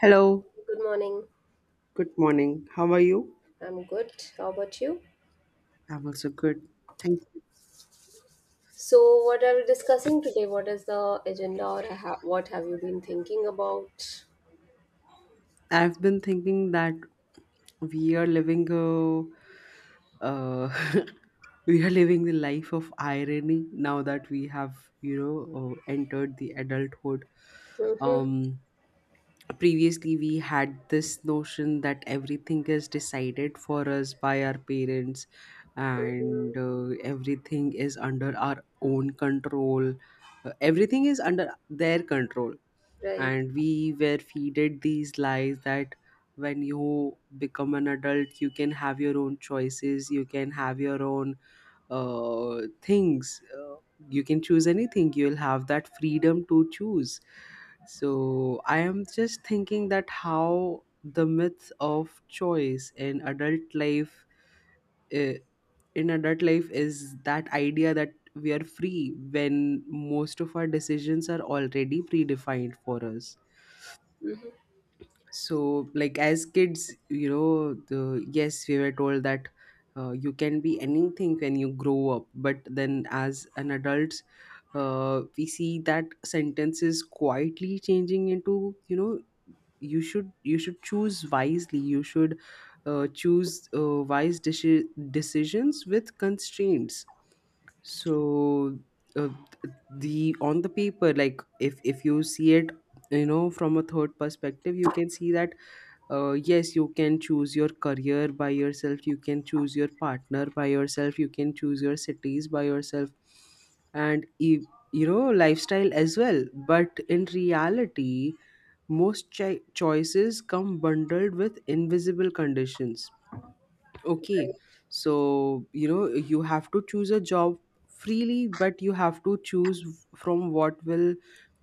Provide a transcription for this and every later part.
Hello, Good morning. good morning. How are you? I'm good. How about you? I'm also good. Thank you. So, what are we discussing today? What is the agenda, or what have you been thinking about? I've been thinking that we are living a we are living the life of irony now that we have entered the adulthood. Mm-hmm. Um, previously we had this notion that everything is decided for us by our parents and Mm-hmm. Everything is under our own control. Everything is under their control, Right. and we were feeded these lies that when you become an adult you can have your own choices, you can have your own things. You can choose anything, you'll have that freedom to choose. So I am just thinking that how the myth of choice in uh, adult life is that idea that we are free when most of our decisions are already predefined for us. Mm-hmm. So, like, as kids, yes, we were told that you can be anything when you grow up, but then as an adult we see that sentences quietly changing into, you should choose wisely. You should choose wise decisions with constraints. So uh, the On the paper, like, if you see it, from a third perspective, you can see that yes, you can choose your career by yourself, you can choose your partner by yourself, you can choose your cities by yourself, and lifestyle as well. But in reality, most choices come bundled with invisible conditions. Okay. Right. So, you have to choose a job freely, but you have to choose from what will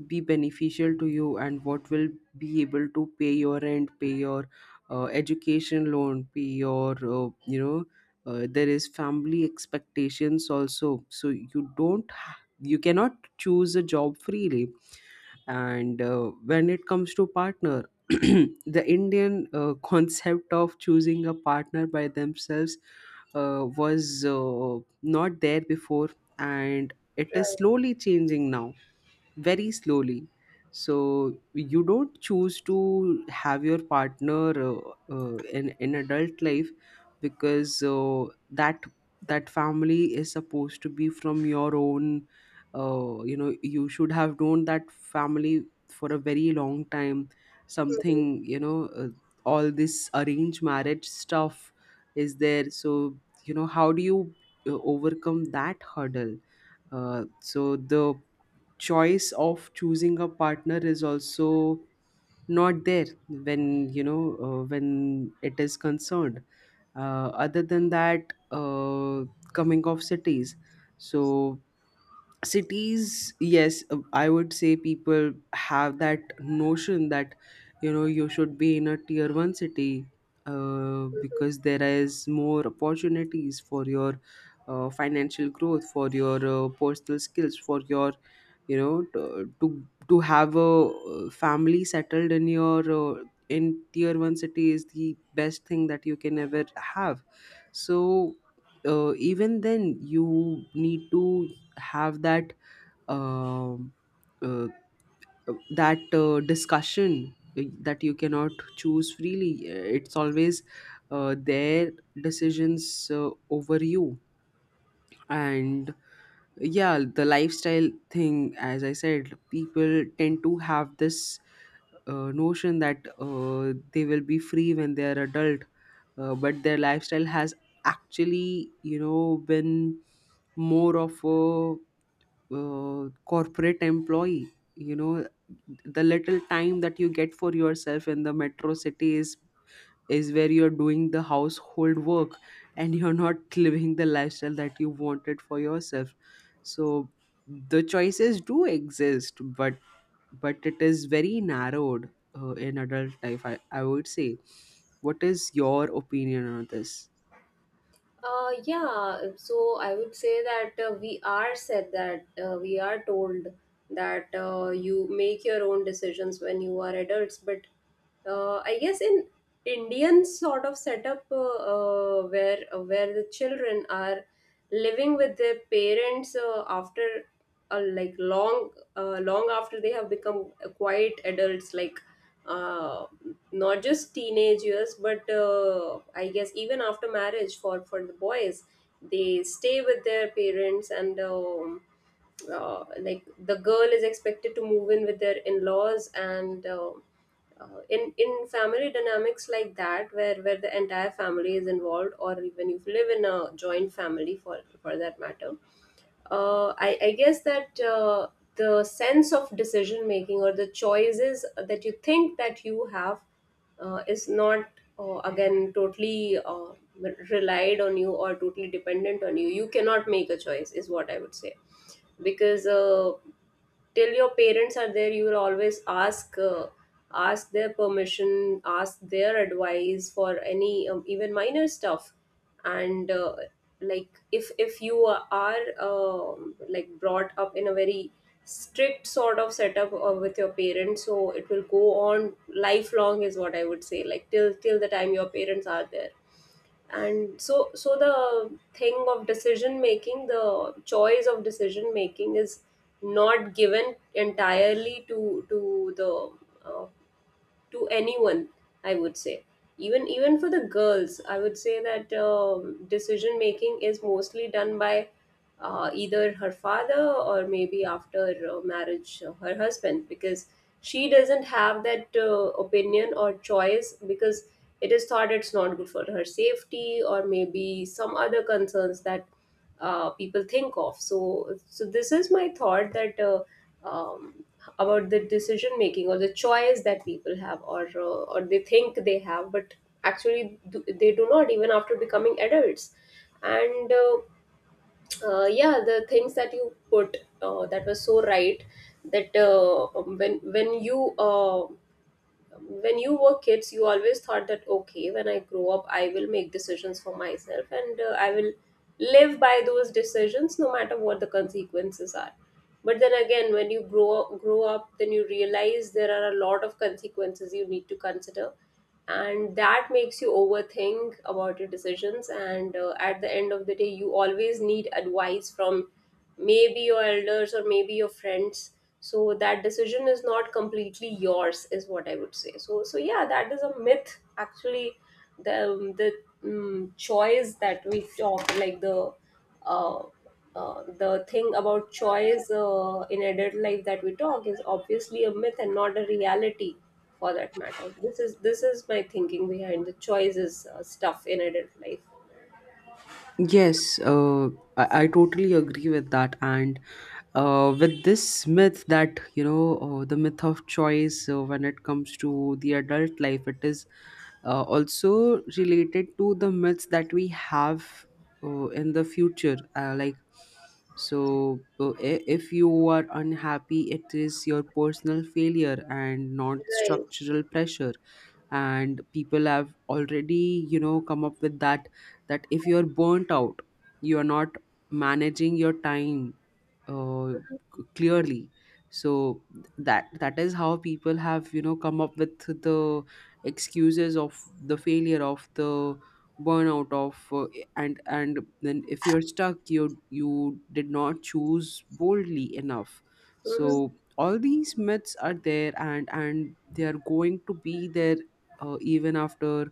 be beneficial to you and what will be able to pay your rent, pay your education loan, pay your, there is family expectations also. So, you don't, ha- you cannot choose a job freely. And when it comes to partner, the Indian concept of choosing a partner by themselves was not there before, and it is Right. slowly changing now, very slowly. So you don't choose to have your partner in adult life, because that family is supposed to be from your own. You should have known that family for a very long time, Mm-hmm. something, all this arranged marriage stuff is there. So, how do you overcome that hurdle? So the choice of choosing a partner is also not there when you know when it is concerned. Other than that, coming of cities. So cities, yes, I would say people have that notion that you should be in a tier 1 city, because Mm-hmm. there is more opportunities for your financial growth, for your personal skills, for your, you know to to, to have a family settled in your uh, in tier 1 city is the best thing that you can ever have. So even then, you need to have um uh, that discussion, that you cannot choose freely. It's always their decisions over you. And, yeah, the lifestyle thing, as I said, people tend to have this notion that they will be free when they are adult, but their lifestyle has actually, been more of a corporate employee. you know the little time that you get for yourself in the metro city is where you're doing the household work, and you're not living the lifestyle that you wanted for yourself. So the choices do exist, but it is very narrowed in adult life, I would say. What is your opinion on this? Yeah, so I would say that we are said that we are told that you make your own decisions when you are adults, but I guess in Indian sort of setup, where the children are living with their parents after like long, long after they have become quite adults, like, uh, not just teenage years, but I guess even after marriage for the boys, they stay with their parents, and like the girl is expected to move in with their in laws, and in family dynamics like that, where the entire family is involved, or even if you live in a joint family for that matter, I guess that the sense of decision making or the choices that you think that you have is not, again totally, relied on you or totally dependent on you. You cannot make a choice is what I would say, because till your parents are there you will always ask, ask their permission, ask their advice for any even minor stuff. And like if you are, like brought up in a very strict sort of setup with your parents, so it will go on lifelong is what I would say, like till the time your parents are there. And so the thing of decision making, the choice of decision making, is not given entirely to the, to anyone, I would say. Even for the girls I would say that, decision making is mostly done by either her father or maybe after marriage her husband, because she doesn't have that opinion or choice, because it is thought it's not good for her safety or maybe some other concerns that people think of. So this is my thought that, um, about the decision making or the choice that people have, or they think they have but actually do, they do not, even after becoming adults. And yeah, the things that you put, that was so right. That when when you were kids you always thought that okay, when I grow up I will make decisions for myself, and I will live by those decisions no matter what the consequences are. But then again, when you grow up, grow up, then you realize there are a lot of consequences you need to consider, and that makes you overthink about your decisions. And at the end of the day you always need advice from maybe your elders or maybe your friends, so that decision is not completely yours is what I would say. So yeah, that is a myth actually. The choice that we talk, like the, uh, the thing about choice in adult life that we talk, is obviously a myth and not a reality for that matter. This is my thinking behind the choices stuff in adult life. Yes, I totally agree with that. And with this myth, that the myth of choice, when it comes to the adult life, it is also related to the myths that we have in the future, like, so if you are unhappy, it is your personal failure and not Right. structural pressure. And people have already, come up with that, that if you're burnt out, you are not managing your time, uh, clearly. So that is how people have, come up with the excuses of the failure of the burnout of and then if you're stuck, you did not choose boldly enough. Mm-hmm. So all these myths are there, and they are going to be there, uh, even after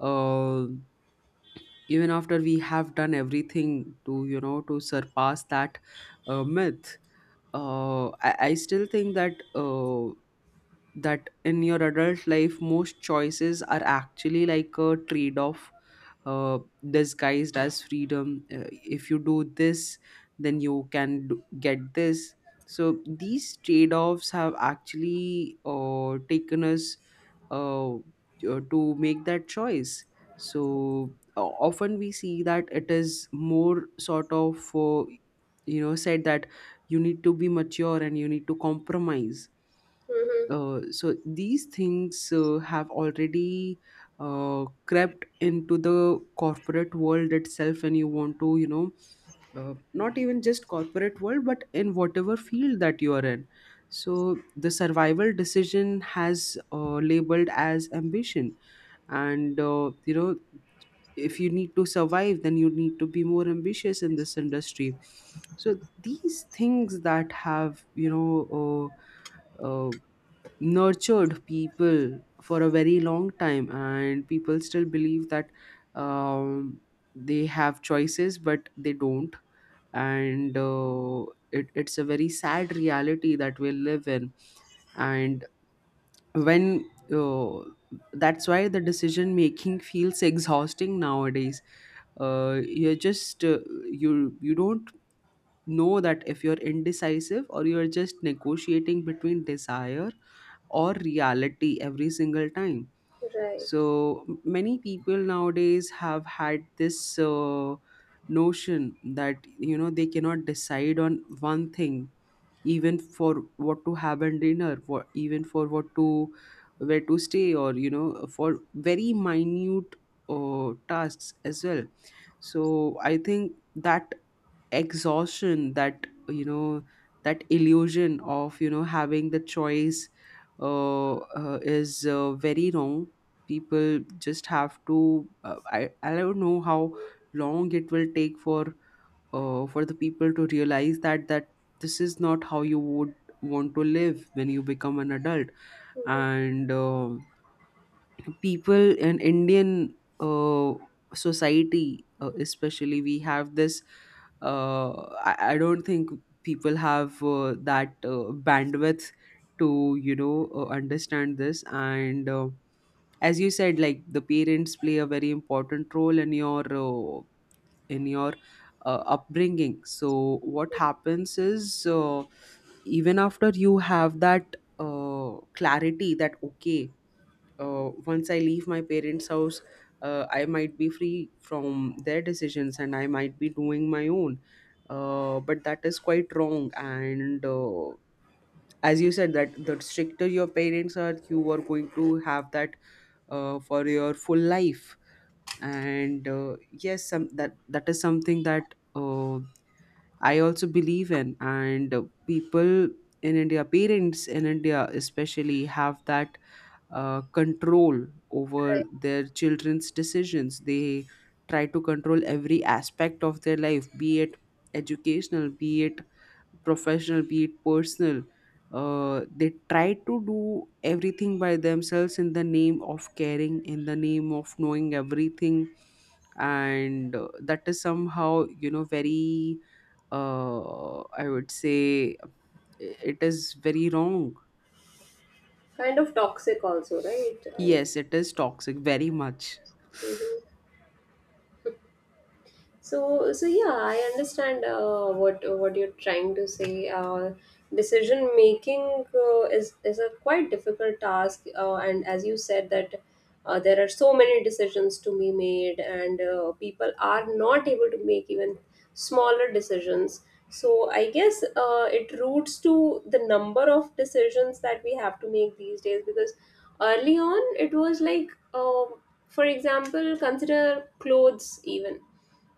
uh, even after we have done everything to surpass that myth. I still think that, in your adult life, most choices are actually like a trade-off, uh, disguised as freedom. If you do this, then you can get this. So these trade offs have actually taken us uh, uh, to make that choice. So often we see that it is more sort of, said that you need to be mature and you need to compromise. Mm-hmm. So these things have already crept into the corporate world itself, and you want to, not even just corporate world, but in whatever field that you are in. So the survival decision has labeled as ambition. And if you need to survive, then you need to be more ambitious in this industry. So these things that have, uh, uh, nurtured people for a very long time. And people still believe that um, they have choices, but they don't. And it's a very sad reality that we live in. And when uh, that's why the decision making feels exhausting nowadays. You're just, you don't know that if you're indecisive or you're just negotiating between desire or reality every single time. Right. So many people nowadays have had this notion that they cannot decide on one thing, even for what to have in dinner, for even for what to where to stay, or for very minute tasks as well. So I think that exhaustion, that illusion of having the choice is, very wrong. People just have to, I don't know how long it will take for the people to realize that this is not how you would want to live when you become an adult. Mm-hmm. And people in Indian society, especially, we have this. Uh, I don't think people have that bandwidth to understand this. And as you said, like, the parents play a very important role in your upbringing. So what happens is, even after you have that clarity that, okay, once I leave my parents' house, I might be free from their decisions and I might be doing my own. But that is quite wrong. And as you said, that the stricter your parents are, you are going to have that for your full life. And yes, that is something that I also believe in. And people in India, parents in India especially, have that control over their children's decisions. They try to control every aspect of their life, be it educational, be it professional, be it personal. They try to do everything by themselves in the name of caring, in the name of knowing everything. And that is somehow, very, I would say, it is very wrong. Kind of toxic also, right? I would. Yes, it is toxic, very much. Hmm. So, so yeah, I understand what you're trying to say. Decision making is a quite difficult task, and as you said that there are so many decisions to be made, and people are not able to make even smaller decisions. So I guess it roots to the number of decisions that we have to make these days, because early on it was like, for example, consider clothes. Even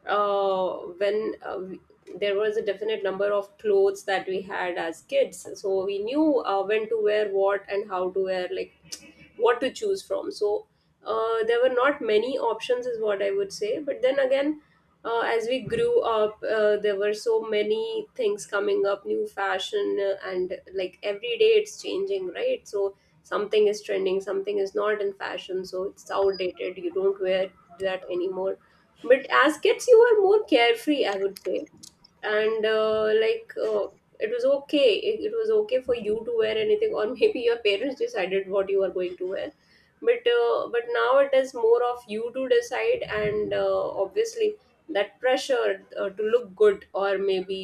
uh, when uh, we- there was a definite number of clothes that we had as kids, so we knew when to wear what and how to wear, like what to choose from. So there were not many options is what I would say. But then again, as we grew up there were so many things coming up, new fashion, and like every day it's changing, right? So something is trending, something is not in fashion, so it's outdated, you don't wear that anymore. But as kids, you were more carefree, I would say. And it was okay, it was okay for you to wear anything, or maybe your parents decided what you are going to wear. But but now it is more of you to decide, and obviously that pressure to look good, or maybe